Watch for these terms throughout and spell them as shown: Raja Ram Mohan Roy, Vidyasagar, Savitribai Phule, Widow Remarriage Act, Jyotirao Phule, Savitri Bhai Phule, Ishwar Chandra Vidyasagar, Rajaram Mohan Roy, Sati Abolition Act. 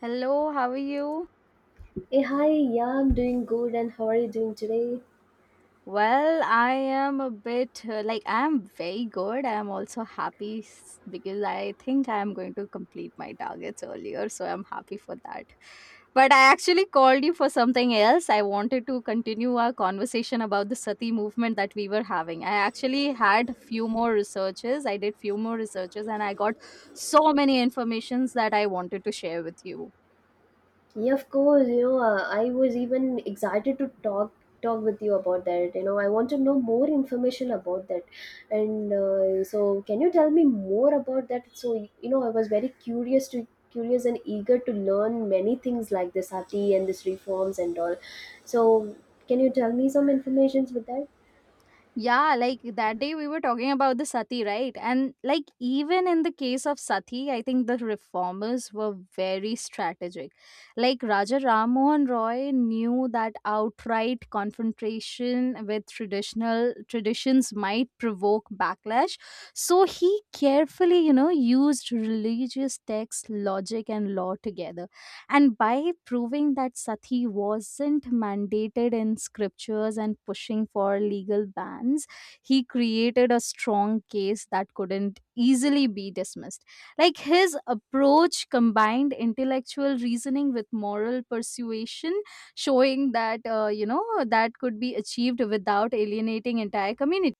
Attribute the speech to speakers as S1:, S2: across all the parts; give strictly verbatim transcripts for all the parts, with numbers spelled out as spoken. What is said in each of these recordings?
S1: Hello, how are you?
S2: Hey, hi, yeah, I'm doing good, and how are you doing today?
S1: Well, I am a bit uh, like I am very good. I am also happy s- because I think I am going to complete my targets earlier, so I'm happy for that. But I actually called you for something else. I wanted to continue our conversation about the sati movement that we were having. I actually had few more researches. I did few more researches and I got so many informations that I wanted to share with you.
S2: Yeah, of course, you know, uh, I was even excited to talk talk with you about that. You know, I want to know more information about that, and uh, so can you tell me more about that? So, you know, I was very curious to curious and eager to learn many things like this sati and this reforms and all. So, can you tell me some informations with that?
S1: Yeah, like that day we were talking about the sati, right? And like even in the case of sati, I think the reformers were very strategic. Like Raja Ram Mohan Roy knew that outright confrontation with traditional traditions might provoke backlash, so he carefully, you know, used religious text, logic, and law together. And by proving that sati wasn't mandated in scriptures and pushing for legal bans, he created a strong case that couldn't easily be dismissed. Like his approach combined intellectual reasoning with moral persuasion, showing that, uh, you know, that could be achieved without alienating entire communities.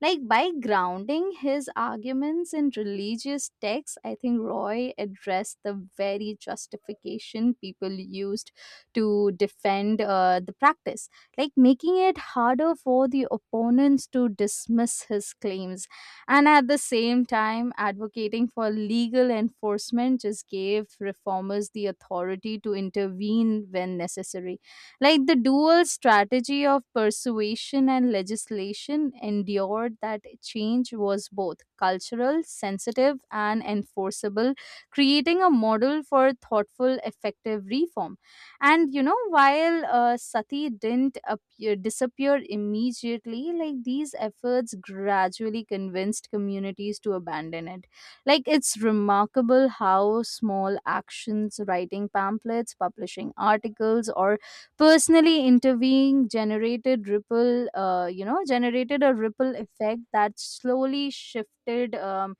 S1: Like by grounding his arguments in religious texts, I think Roy addressed the very justification people used to defend uh, the practice, like making it harder for the opponents to dismiss his claims. And at the same time, advocating for legal enforcement just gave reformers the authority to intervene when necessary. Like the dual strategy of persuasion and legislation endured that change was both cultural, sensitive, and enforceable, creating a model for thoughtful, effective reform. And you know, while uh, Sati didn't appear, disappear immediately, like these efforts gradually convinced communities to abandon it. Like it's remarkable how small actions, writing pamphlets, publishing articles, or personally intervening generated ripple uh, you know generated a ripple effect that slowly shifted um,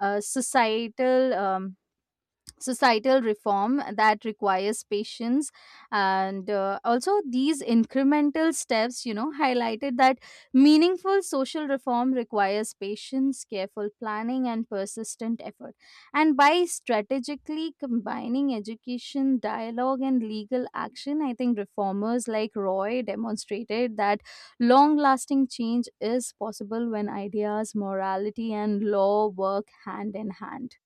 S1: uh, societal um, societal reform that requires patience, and uh, also these incremental steps, you know highlighted that meaningful social reform requires patience, careful planning, and persistent effort. And by strategically combining education, dialogue, and legal action, I think reformers like Roy demonstrated that long lasting change is possible when ideas, morality, and law work hand in hand.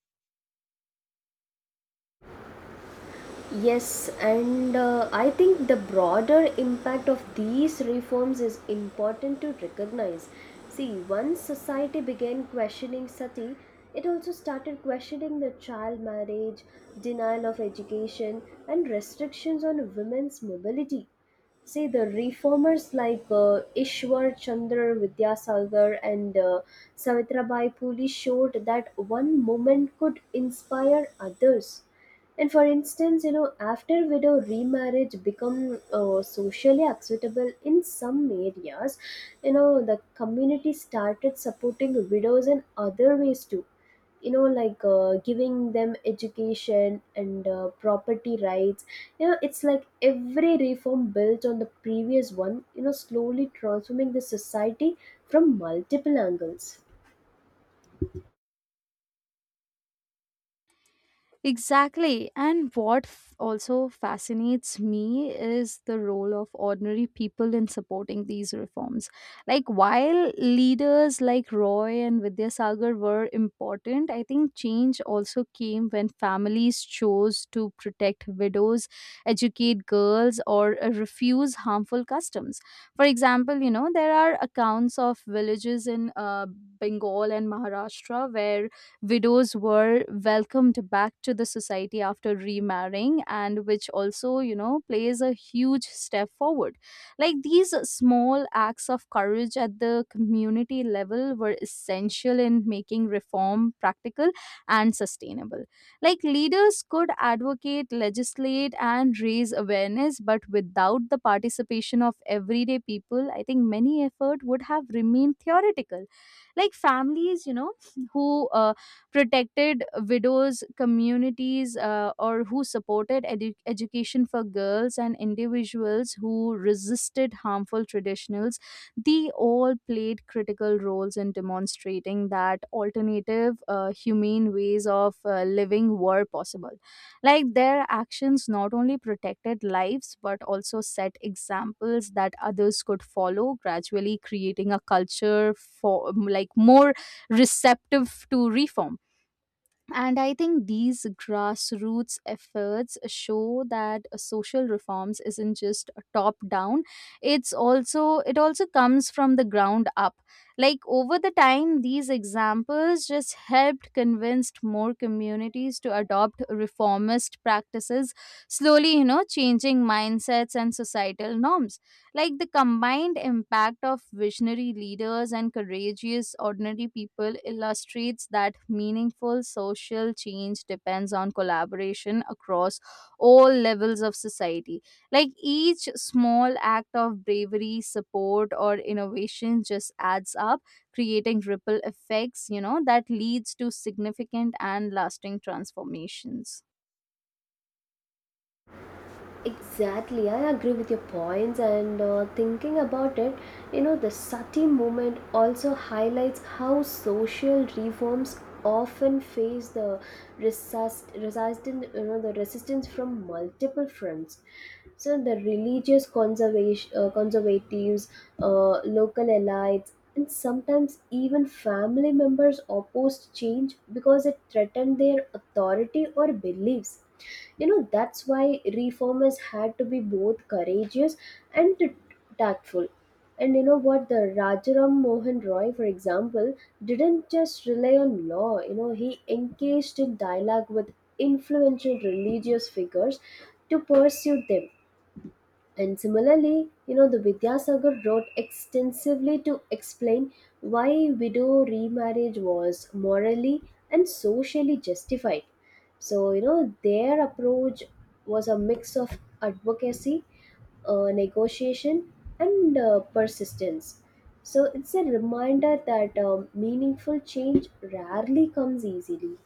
S2: Yes, and uh, I think the broader impact of these reforms is important to recognize. See, once society began questioning sati, it also started questioning the child marriage, denial of education, and restrictions on women's mobility. See, the reformers like uh, Ishwar Chandra Vidyasagar and uh, Savitrabai Phule showed that one moment could inspire others and for instance, you know, after widow remarriage become uh, socially acceptable in some areas, you know, the community started supporting widows in other ways too. You know, like uh, giving them education and uh, property rights. You know, it's like every reform built on the previous one. You know, slowly transforming the society from multiple angles.
S1: Exactly. And what f- also fascinates me is the role of ordinary people in supporting these reforms. Like, while leaders like Roy and Vidyasagar were important, I think change also came when families chose to protect widows, educate girls, or uh, refuse harmful customs. For example, you know, there are accounts of villages in uh, Bengal and Maharashtra where widows were welcomed back to the society after remarrying, and which also, you know plays a huge step forward. Like these small acts of courage at the community level were essential in making reform practical and sustainable. Like leaders could advocate, legislate, and raise awareness, but without the participation of everyday people, I think many effort would have remained theoretical. Like families, you know who uh, protected widows, communities uh, or who supported edu- education for girls, and individuals who resisted harmful traditionals, they all played critical roles in demonstrating that alternative uh, humane ways of uh, living were possible. Like their actions not only protected lives, but also set examples that others could follow, gradually creating a culture for like more receptive to reform. And I think these grassroots efforts show that social reforms isn't just top down. It's also, it also comes from the ground up. Like over the time, these examples just helped convinced more communities to adopt reformist practices, slowly, you know, changing mindsets and societal norms. Like the combined impact of visionary leaders and courageous ordinary people illustrates that meaningful social change depends on collaboration across all levels of society. Like each small act of bravery, support, or innovation just adds up, creating ripple effects, you know, that leads to significant and lasting transformations.
S2: Exactly, I agree with your points, and uh, thinking about it, you know, the sati movement also highlights how social reforms often face the resist, resistance, you know, the resistance from multiple fronts. So the religious conservation, uh, conservatives, uh, local elites, and sometimes even family members opposed change because it threatened their authority or beliefs. You know, that's why reformers had to be both courageous and t- tactful. And you know what, the Rajaram Mohan Roy, for example, didn't just rely on law. You know, he engaged in dialogue with influential religious figures to pursue them. And similarly, you know, the Vidyasagar wrote extensively to explain why widow remarriage was morally and socially justified. So, you know, their approach was a mix of advocacy, uh, negotiation, and uh, persistence. So, it's a reminder that um, meaningful change rarely comes easily.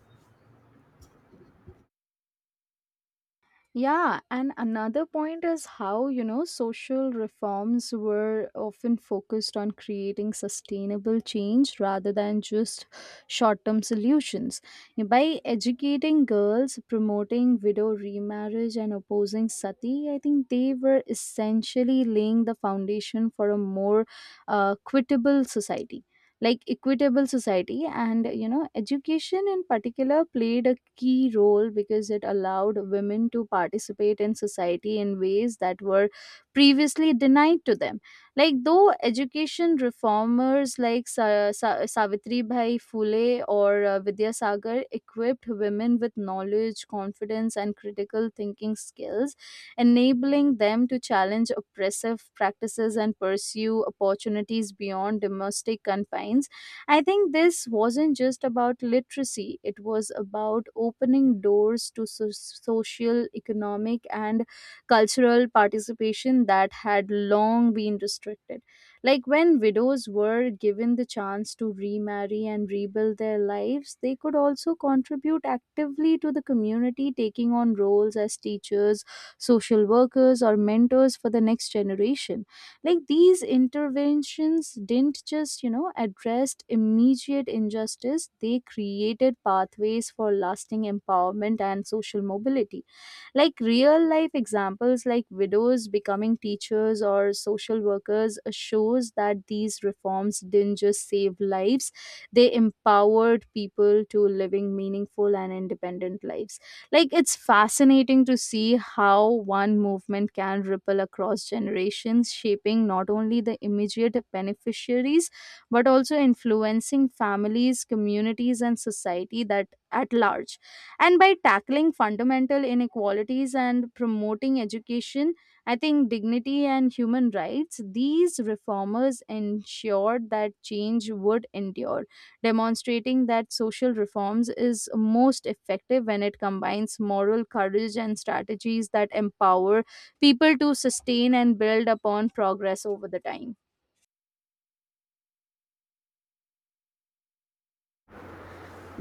S1: Yeah, and another point is how, you know, social reforms were often focused on creating sustainable change rather than just short term solutions. By educating girls, promoting widow remarriage, and opposing sati, I think they were essentially laying the foundation for a more uh, equitable society, like equitable society. And you know education in particular played a key role because it allowed women to participate in society in ways that were previously denied to them. Like though education reformers like Sa- Sa- Savitri Bhai Phule or uh, Vidya Sagar equipped women with knowledge, confidence, and critical thinking skills, enabling them to challenge oppressive practices and pursue opportunities beyond domestic confines. I think this wasn't just about literacy, it was about opening doors to so- social, economic, and cultural participation that had long been restricted. Like when widows were given the chance to remarry and rebuild their lives, they could also contribute actively to the community, taking on roles as teachers, social workers, or mentors for the next generation. Like these interventions didn't just, you know, address immediate injustice, they created pathways for lasting empowerment and social mobility. Like real life examples like widows becoming teachers or social workers uh, shows that these reforms didn't just save lives, they empowered people to living meaningful and independent lives. Like it's fascinating to see how one movement can ripple across generations, shaping not only the immediate beneficiaries but also influencing families, communities, and society that at large. And by tackling fundamental inequalities and promoting education, I think dignity and human rights, these reformers ensured that change would endure, demonstrating that social reforms is most effective when it combines moral courage and strategies that empower people to sustain and build upon progress over the time.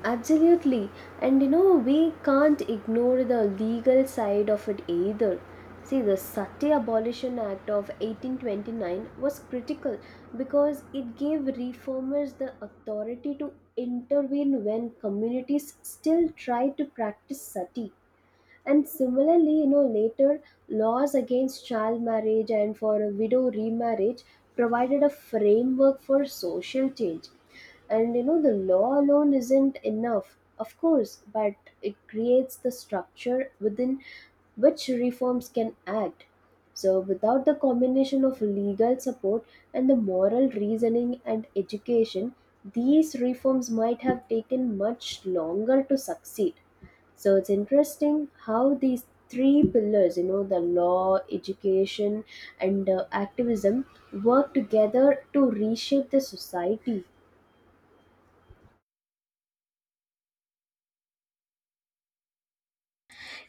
S2: Absolutely. And you know, we can't ignore the legal side of it either. See, the Sati Abolition Act of eighteen twenty-nine was critical because it gave reformers the authority to intervene when communities still tried to practice sati. And similarly, you know, later laws against child marriage and for a widow remarriage provided a framework for social change. And you know, the law alone isn't enough, of course, but it creates the structure within which reforms can act. So, without the combination of legal support and the moral reasoning and education, these reforms might have taken much longer to succeed. So it's interesting how these three pillars, you know, the law, education, and uh, activism work together to reshape the society.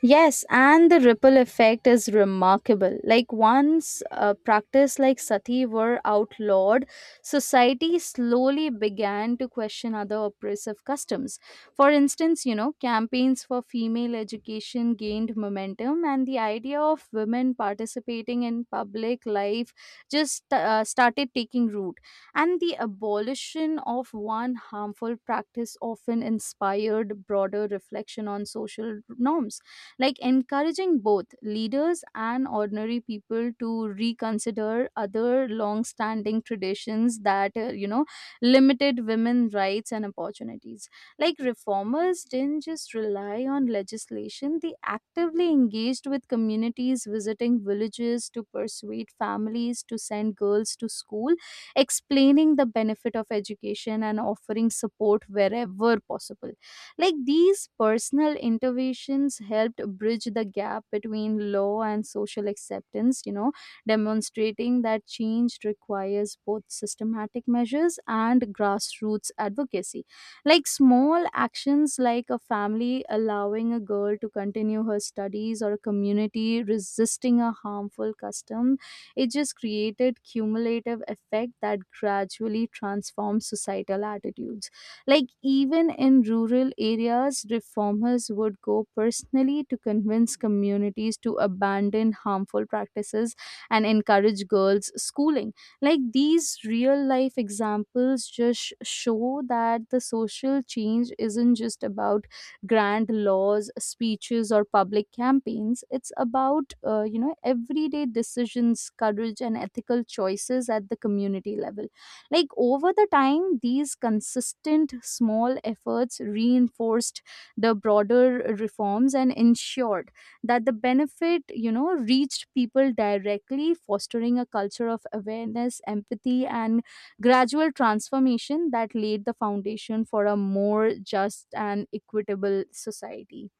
S1: Yes, and the ripple effect is remarkable. Like once a practice like sati were outlawed, society slowly began to question other oppressive customs. For instance, you know, campaigns for female education gained momentum, and the idea of women participating in public life just uh, started taking root. And the abolition of one harmful practice often inspired broader reflection on social norms, like encouraging both leaders and ordinary people to reconsider other long standing traditions that uh, you know limited women rights and opportunities. Like reformers didn't just rely on legislation, they actively engaged with communities, visiting villages to persuade families to send girls to school, explaining the benefit of education and offering support wherever possible. Like these personal interventions helped bridge the gap between law and social acceptance, you know, demonstrating that change requires both systematic measures and grassroots advocacy. Like small actions like a family allowing a girl to continue her studies or a community resisting a harmful custom, it just created cumulative effect that gradually transforms societal attitudes. Like, even in rural areas, reformers would go personally to convince communities to abandon harmful practices and encourage girls' schooling. Like, these real life examples just show that the social change isn't just about grand laws, speeches, or public campaigns. It's about, uh, you know, everyday decisions, courage, and ethical choices at the community level. Like over the time, these consistent small efforts reinforced the broader reforms and ensured that the benefit, you know, reached people directly, fostering a culture of awareness, empathy, and gradual transformation that laid the foundation for a more just and equitable society.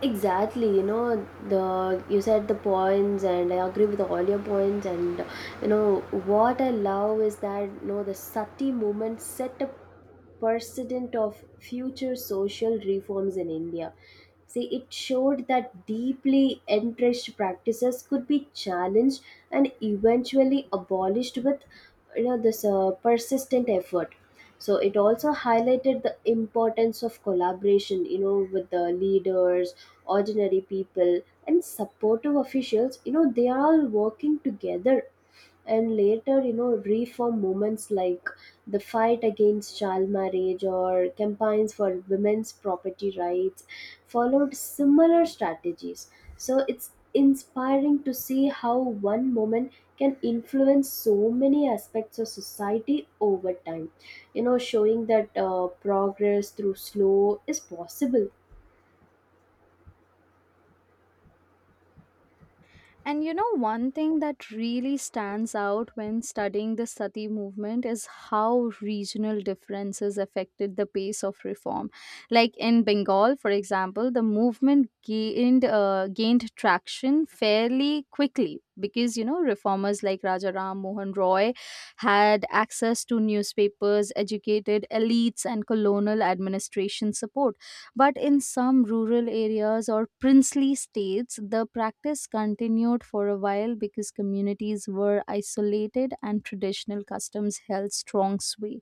S2: Exactly, you know, the you said the points and I agree with all your points. And you know what I love is that, you know, the sati movement set up precedent of future social reforms in India. See, it showed that deeply entrenched practices could be challenged and eventually abolished with, you know, this uh, persistent effort. So it also highlighted the importance of collaboration, you know, with the leaders, ordinary people, and supportive officials. You know, they are all working together. And later, you know, reform movements like the fight against child marriage or campaigns for women's property rights followed similar strategies. So it's inspiring to see how one moment can influence so many aspects of society over time, you know, showing that uh, progress through slow is possible.
S1: And you know, one thing that really stands out when studying the Sati movement is how regional differences affected the pace of reform. Like in Bengal, for example, the movement gained uh, gained traction fairly quickly because you know reformers like Raja Ram Mohan Roy had access to newspapers, educated elites, and colonial administration support. But in some rural areas or princely states, the practice continued for a while because communities were isolated and traditional customs held strong sway.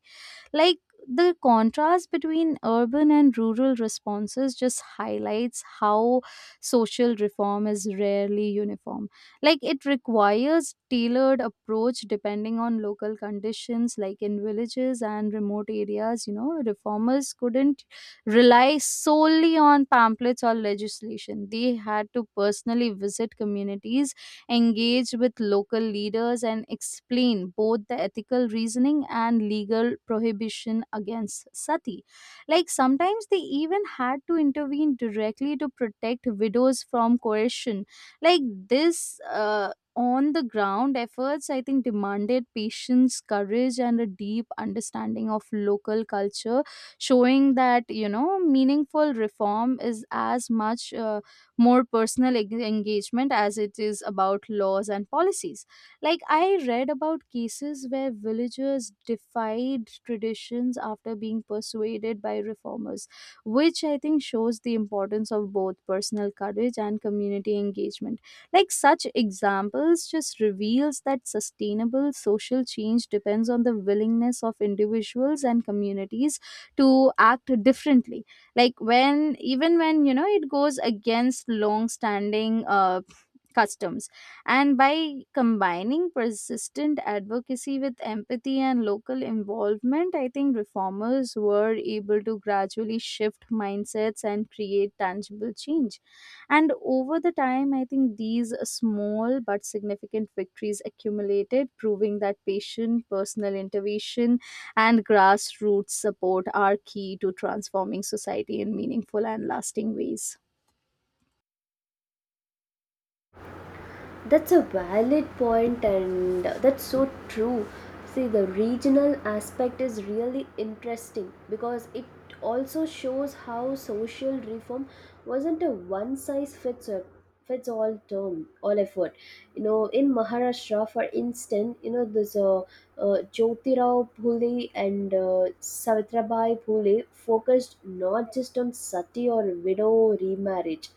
S1: Like the contrast between urban and rural responses just highlights how social reform is rarely uniform. Like it requires tailored approach depending on local conditions, like in villages and remote areas, you know, reformers couldn't rely solely on pamphlets or legislation. They had to personally visit communities, engage with local leaders, and explain both the ethical reasoning and legal prohibition against sati. Like sometimes they even had to intervene directly to protect widows from coercion. Like this. Uh, on the ground efforts, I think, demanded patience, courage, and a deep understanding of local culture, showing that you know meaningful reform is as much uh, more personal eng- engagement as it is about laws and policies. Like, I read about cases where villagers defied traditions after being persuaded by reformers, which I think shows the importance of both personal courage and community engagement. Like, such examples just reveals that sustainable social change depends on the willingness of individuals and communities to act differently like when even when you know it goes against long standing uh, customs. And by combining persistent advocacy with empathy and local involvement, I think reformers were able to gradually shift mindsets and create tangible change. And over the time, I think these small but significant victories accumulated, proving that patient personal intervention and grassroots support are key to transforming society in meaningful and lasting ways.
S2: That's a valid point, and that's so true. See, the regional aspect is really interesting because it also shows how social reform wasn't a one size fits a- fits all term all effort. You know, in Maharashtra, for instance, you know, this uh, uh, Jyotirao Phule and uh, Savitrabai Phule focused not just on sati or widow remarriage,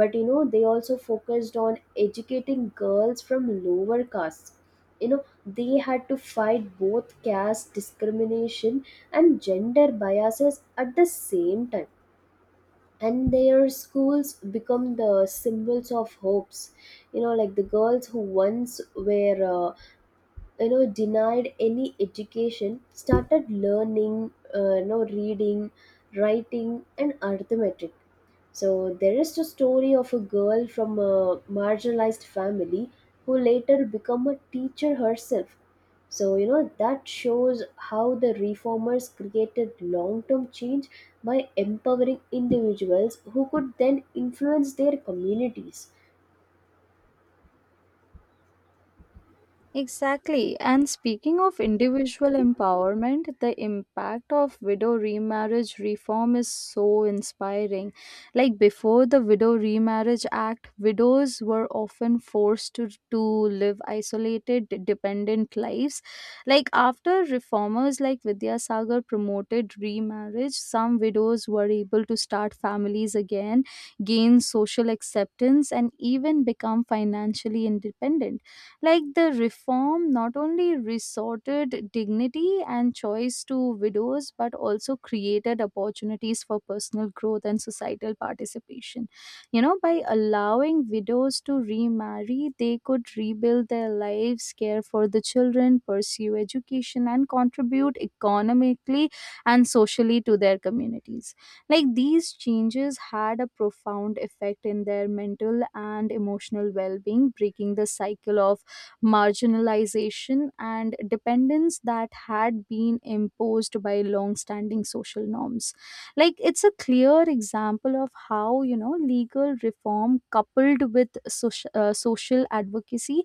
S2: but you know, they also focused on educating girls from lower castes. You know, they had to fight both caste discrimination and gender biases at the same time. And their schools become the symbols of hopes. You know, like the girls who once were uh, you know, denied any education started learning, uh, you know, reading, writing, and arithmetic. So there is the story of a girl from a marginalized family who later become a teacher herself. So you know, that shows how the reformers created long-term change by empowering individuals who could then influence their communities.
S1: Exactly. And speaking of individual empowerment, the impact of widow remarriage reform is so inspiring. Like before the Widow Remarriage Act, widows were often forced to, to live isolated, dependent lives. Like after reformers like Vidya Sagar promoted remarriage, some widows were able to start families again, gain social acceptance, and even become financially independent. Like the reform not only resorted dignity and choice to widows, but also created opportunities for personal growth and societal participation. You know, by allowing widows to remarry, they could rebuild their lives, care for the children, pursue education, and contribute economically and socially to their communities. Like these changes had a profound effect in their mental and emotional well being, breaking the cycle of marginalization, and dependence that had been imposed by long-standing social norms. Like it's a clear example of how you know legal reform coupled with social, uh, social advocacy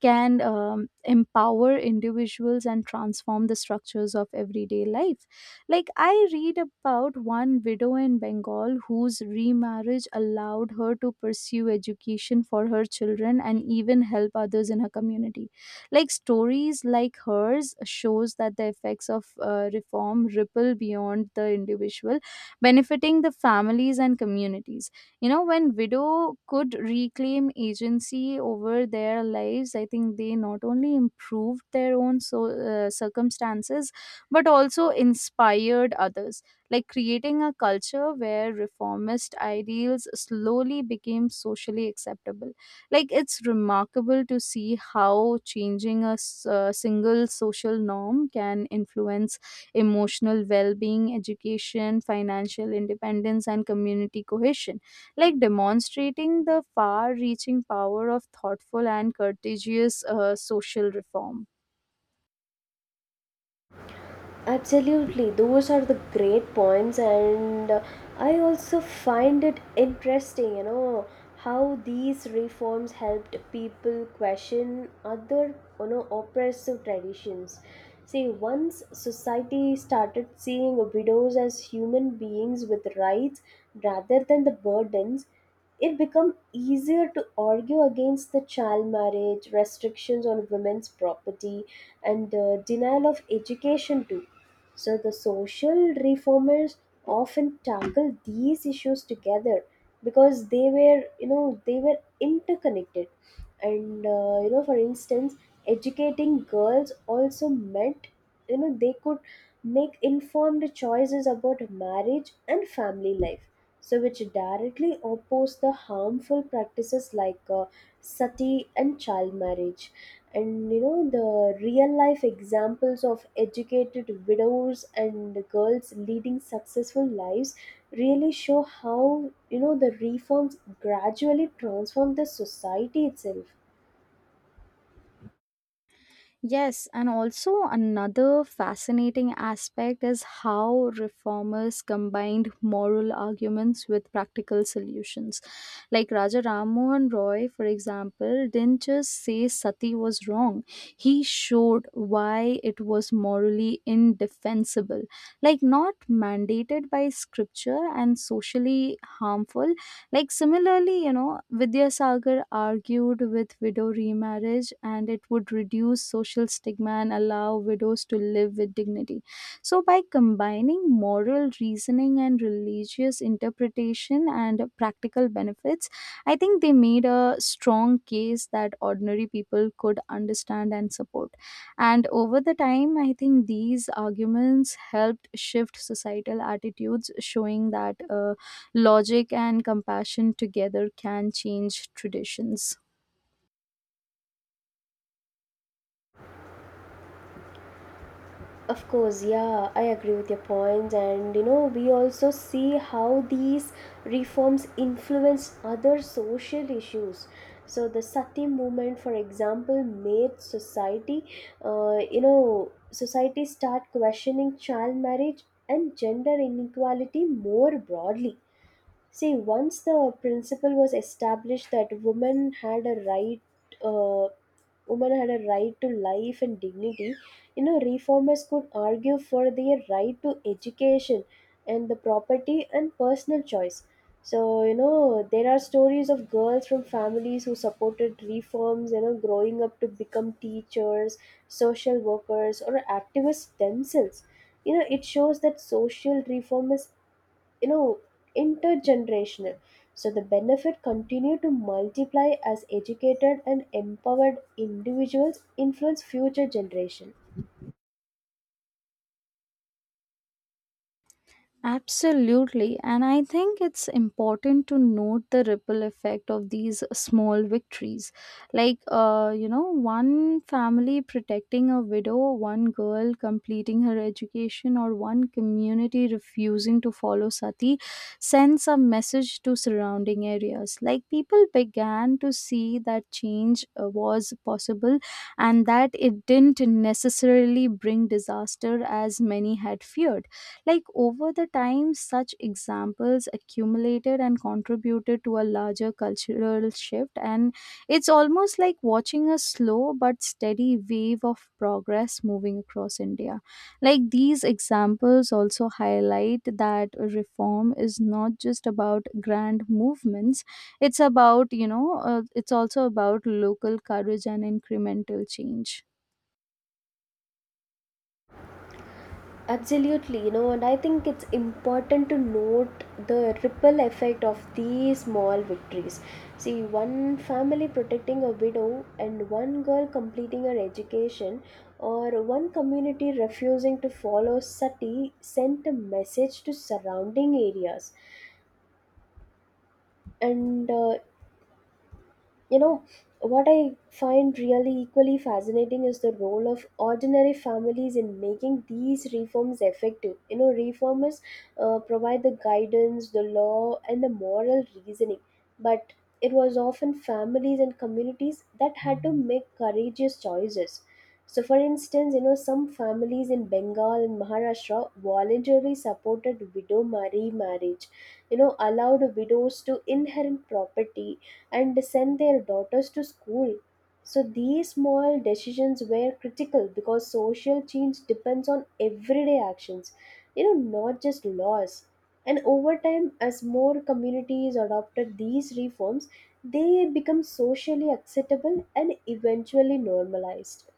S1: can um, empower individuals and transform the structures of everyday life. Like, I read about one widow in Bengal whose remarriage allowed her to pursue education for her children and even help others in her community. Like, stories like hers shows that the effects of uh, reform ripple beyond the individual, benefiting the families and communities. You know, when widow could reclaim agency over their lives, I think they not only improved their own so, uh, circumstances but also inspired others, like creating a culture where reformist ideals slowly became socially acceptable. Like it's remarkable to see how changing a s- uh, single social norm can influence emotional well-being, education, financial independence and community cohesion, like demonstrating the far reaching power of thoughtful and courteous uh, social reform.
S2: Absolutely, those are the great points, and uh, I also find it interesting, you know, how these reforms helped people question other, you know, oppressive traditions. See, once society started seeing widows as human beings with rights rather than the burdens, it became easier to argue against the child marriage, restrictions on women's property, and uh, denial of education too. So the social reformers often tackle these issues together because they were, you know, they were interconnected. And uh, you know, for instance, educating girls also meant, you know, they could make informed choices about marriage and family life, so which directly oppose the harmful practices like uh, sati and child marriage. And you know, the real life examples of educated widows and girls leading successful lives really show how, you know, the reforms gradually transform the society itself.
S1: Yes, and also another fascinating aspect is how reformers combined moral arguments with practical solutions. Like Raja Ram Mohan Roy, for example, didn't just say sati was wrong, he showed why it was morally indefensible. Like, not mandated by scripture and socially harmful, like similarly, you know, Vidyasagar argued with widow remarriage and it would reduce social stigma and allow widows to live with dignity. So by combining moral reasoning and religious interpretation and practical benefits, I think they made a strong case that ordinary people could understand and support. And over the time, I think these arguments helped shift societal attitudes, showing that uh, logic and compassion together can change traditions.
S2: Of course, yeah, I agree with your point, and you know, we also see how these reforms influence other social issues. So, the Sati movement, for example, made society, uh, you know, society start questioning child marriage and gender inequality more broadly. See, once the principle was established that women had a right. Uh, Women had a right to life and dignity, you know, reformers could argue for their right to education and the property and personal choice. So, you know, there are stories of girls from families who supported reforms, you know, growing up to become teachers, social workers, or activists themselves. You know, it shows that social reform is, you know, intergenerational, so the benefit continue to multiply as educated and empowered individuals influence future generation.
S1: Absolutely. And I think it's important to note the ripple effect of these small victories. Like, uh, you know, one family protecting a widow, one girl completing her education, or one community refusing to follow sati sends a message to surrounding areas. Like, people began to see that change uh, was possible and that it didn't necessarily bring disaster as many had feared. Like over the time, such examples accumulated and contributed to a larger cultural shift, and it's almost like watching a slow but steady wave of progress moving across India. Like these examples also highlight that reform is not just about grand movements, it's about, you know, uh, it's also about local courage and incremental change.
S2: Absolutely. You know, and I think it's important to note the ripple effect of these small victories. See, one family protecting a widow and one girl completing her education or one community refusing to follow sati sent a message to surrounding areas. And uh, you know, what I find really equally fascinating is the role of ordinary families in making these reforms effective. You know, reformers uh, provide the guidance, the law, and the moral reasoning, but it was often families and communities that had to make courageous choices. So, for instance, you know, some families in Bengal and Maharashtra voluntarily supported widow marry marriage, you know, allowed widows to inherit property and send their daughters to school. So these small decisions were critical because social change depends on everyday actions, you know, not just laws. And over time, as more communities adopted these reforms, they become socially acceptable and eventually normalized.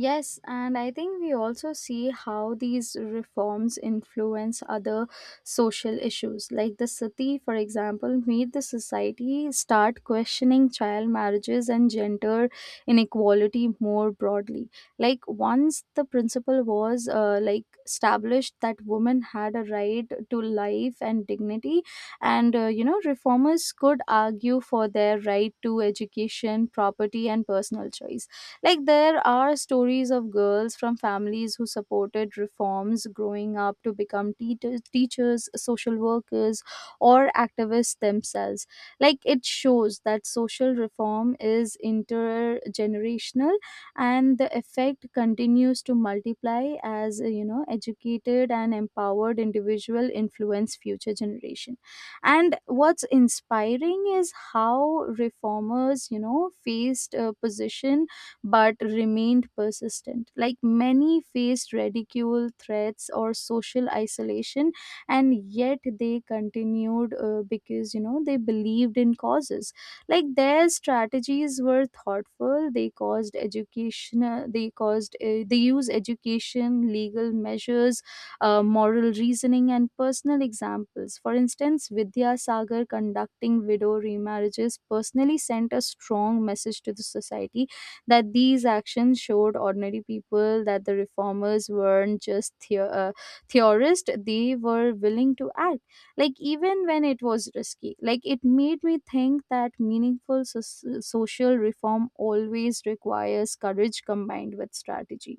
S1: Yes, and I think we also see how these reforms influence other social issues. Like the sati, for example, made the society start questioning child marriages and gender inequality more broadly. Like once the principle was uh, like established that women had a right to life and dignity, and uh, you know reformers could argue for their right to education, property, and personal choice. Like there are stories of girls from families who supported reforms growing up to become teachers, teachers, social workers, or activists themselves. Like it shows that social reform is intergenerational and the effect continues to multiply as uh, you know educated and empowered individual influence future generation. And what's inspiring is how reformers you know faced a position but remained persistent. Like many faced ridicule, threats, or social isolation, and yet they continued uh, because you know they believed in causes. Like their strategies were thoughtful. They caused education. Uh, They caused uh, they used education, legal measures, uh, moral reasoning, and personal examples. For instance, Vidya Sagar conducting widow remarriages personally sent a strong message to the society that these actions showed ordinary people that the reformers weren't just theo- uh, theorists, they were willing to act. Like, even when it was risky, like, it made me think that meaningful so- social reform always requires courage combined with strategy.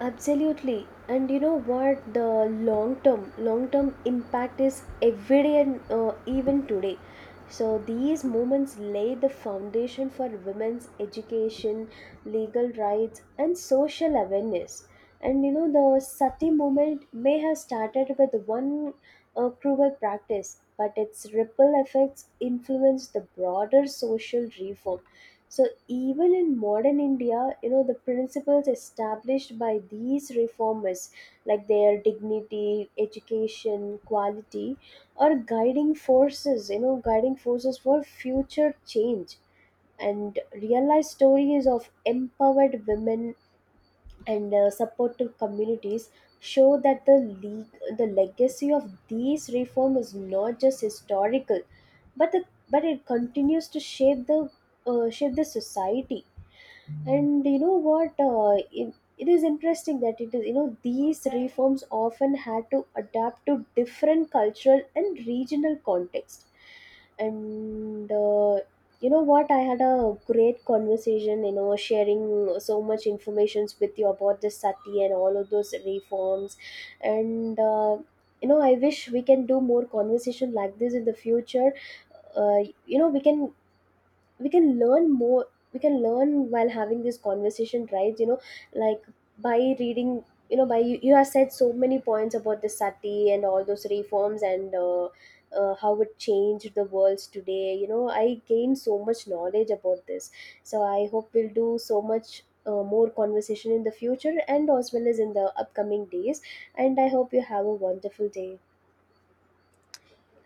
S2: Absolutely. And you know what? The long term, long term impact is every day and uh, even today. So these movements lay the foundation for women's education, legal rights, and social awareness. And you know, the Sati movement may have started with one uh, cruel practice, but its ripple effects influence the broader social reform. So even in modern India, you know, the principles established by these reformers, like their dignity, education, quality, are guiding forces, you know, guiding forces for future change. And real life stories of empowered women and uh, supportive communities show that the le- the legacy of these reform is not just historical, but the but it continues to shape the uh, shape the society. And you know what, uh, it, it is interesting that it is, you know, these reforms often had to adapt to different cultural and regional context. And uh, you know what, I had a great conversation, you know, sharing so much informations with you about the sati and all of those reforms. And uh, you know, I wish we can do more conversation like this in the future. uh, you know, we can, we can learn more. We can learn while having this conversation, right? You know, like by reading, you know, by you, you have said so many points about the sati and all those reforms, and uh, uh, how it changed the worlds today. You know, I gained so much knowledge about this. So I hope we'll do so much uh, more conversation in the future and as well as in the upcoming days. And I hope you have a wonderful day.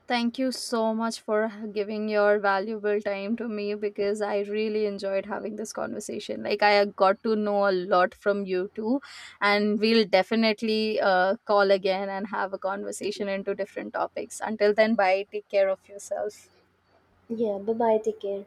S1: Thank you so much for giving your valuable time to me because I really enjoyed having this conversation. Like, I got to know a lot from you too, and we'll definitely uh, call again and have a conversation into different topics. Until then, bye. Take care of yourself.
S2: Yeah, bye bye, take care.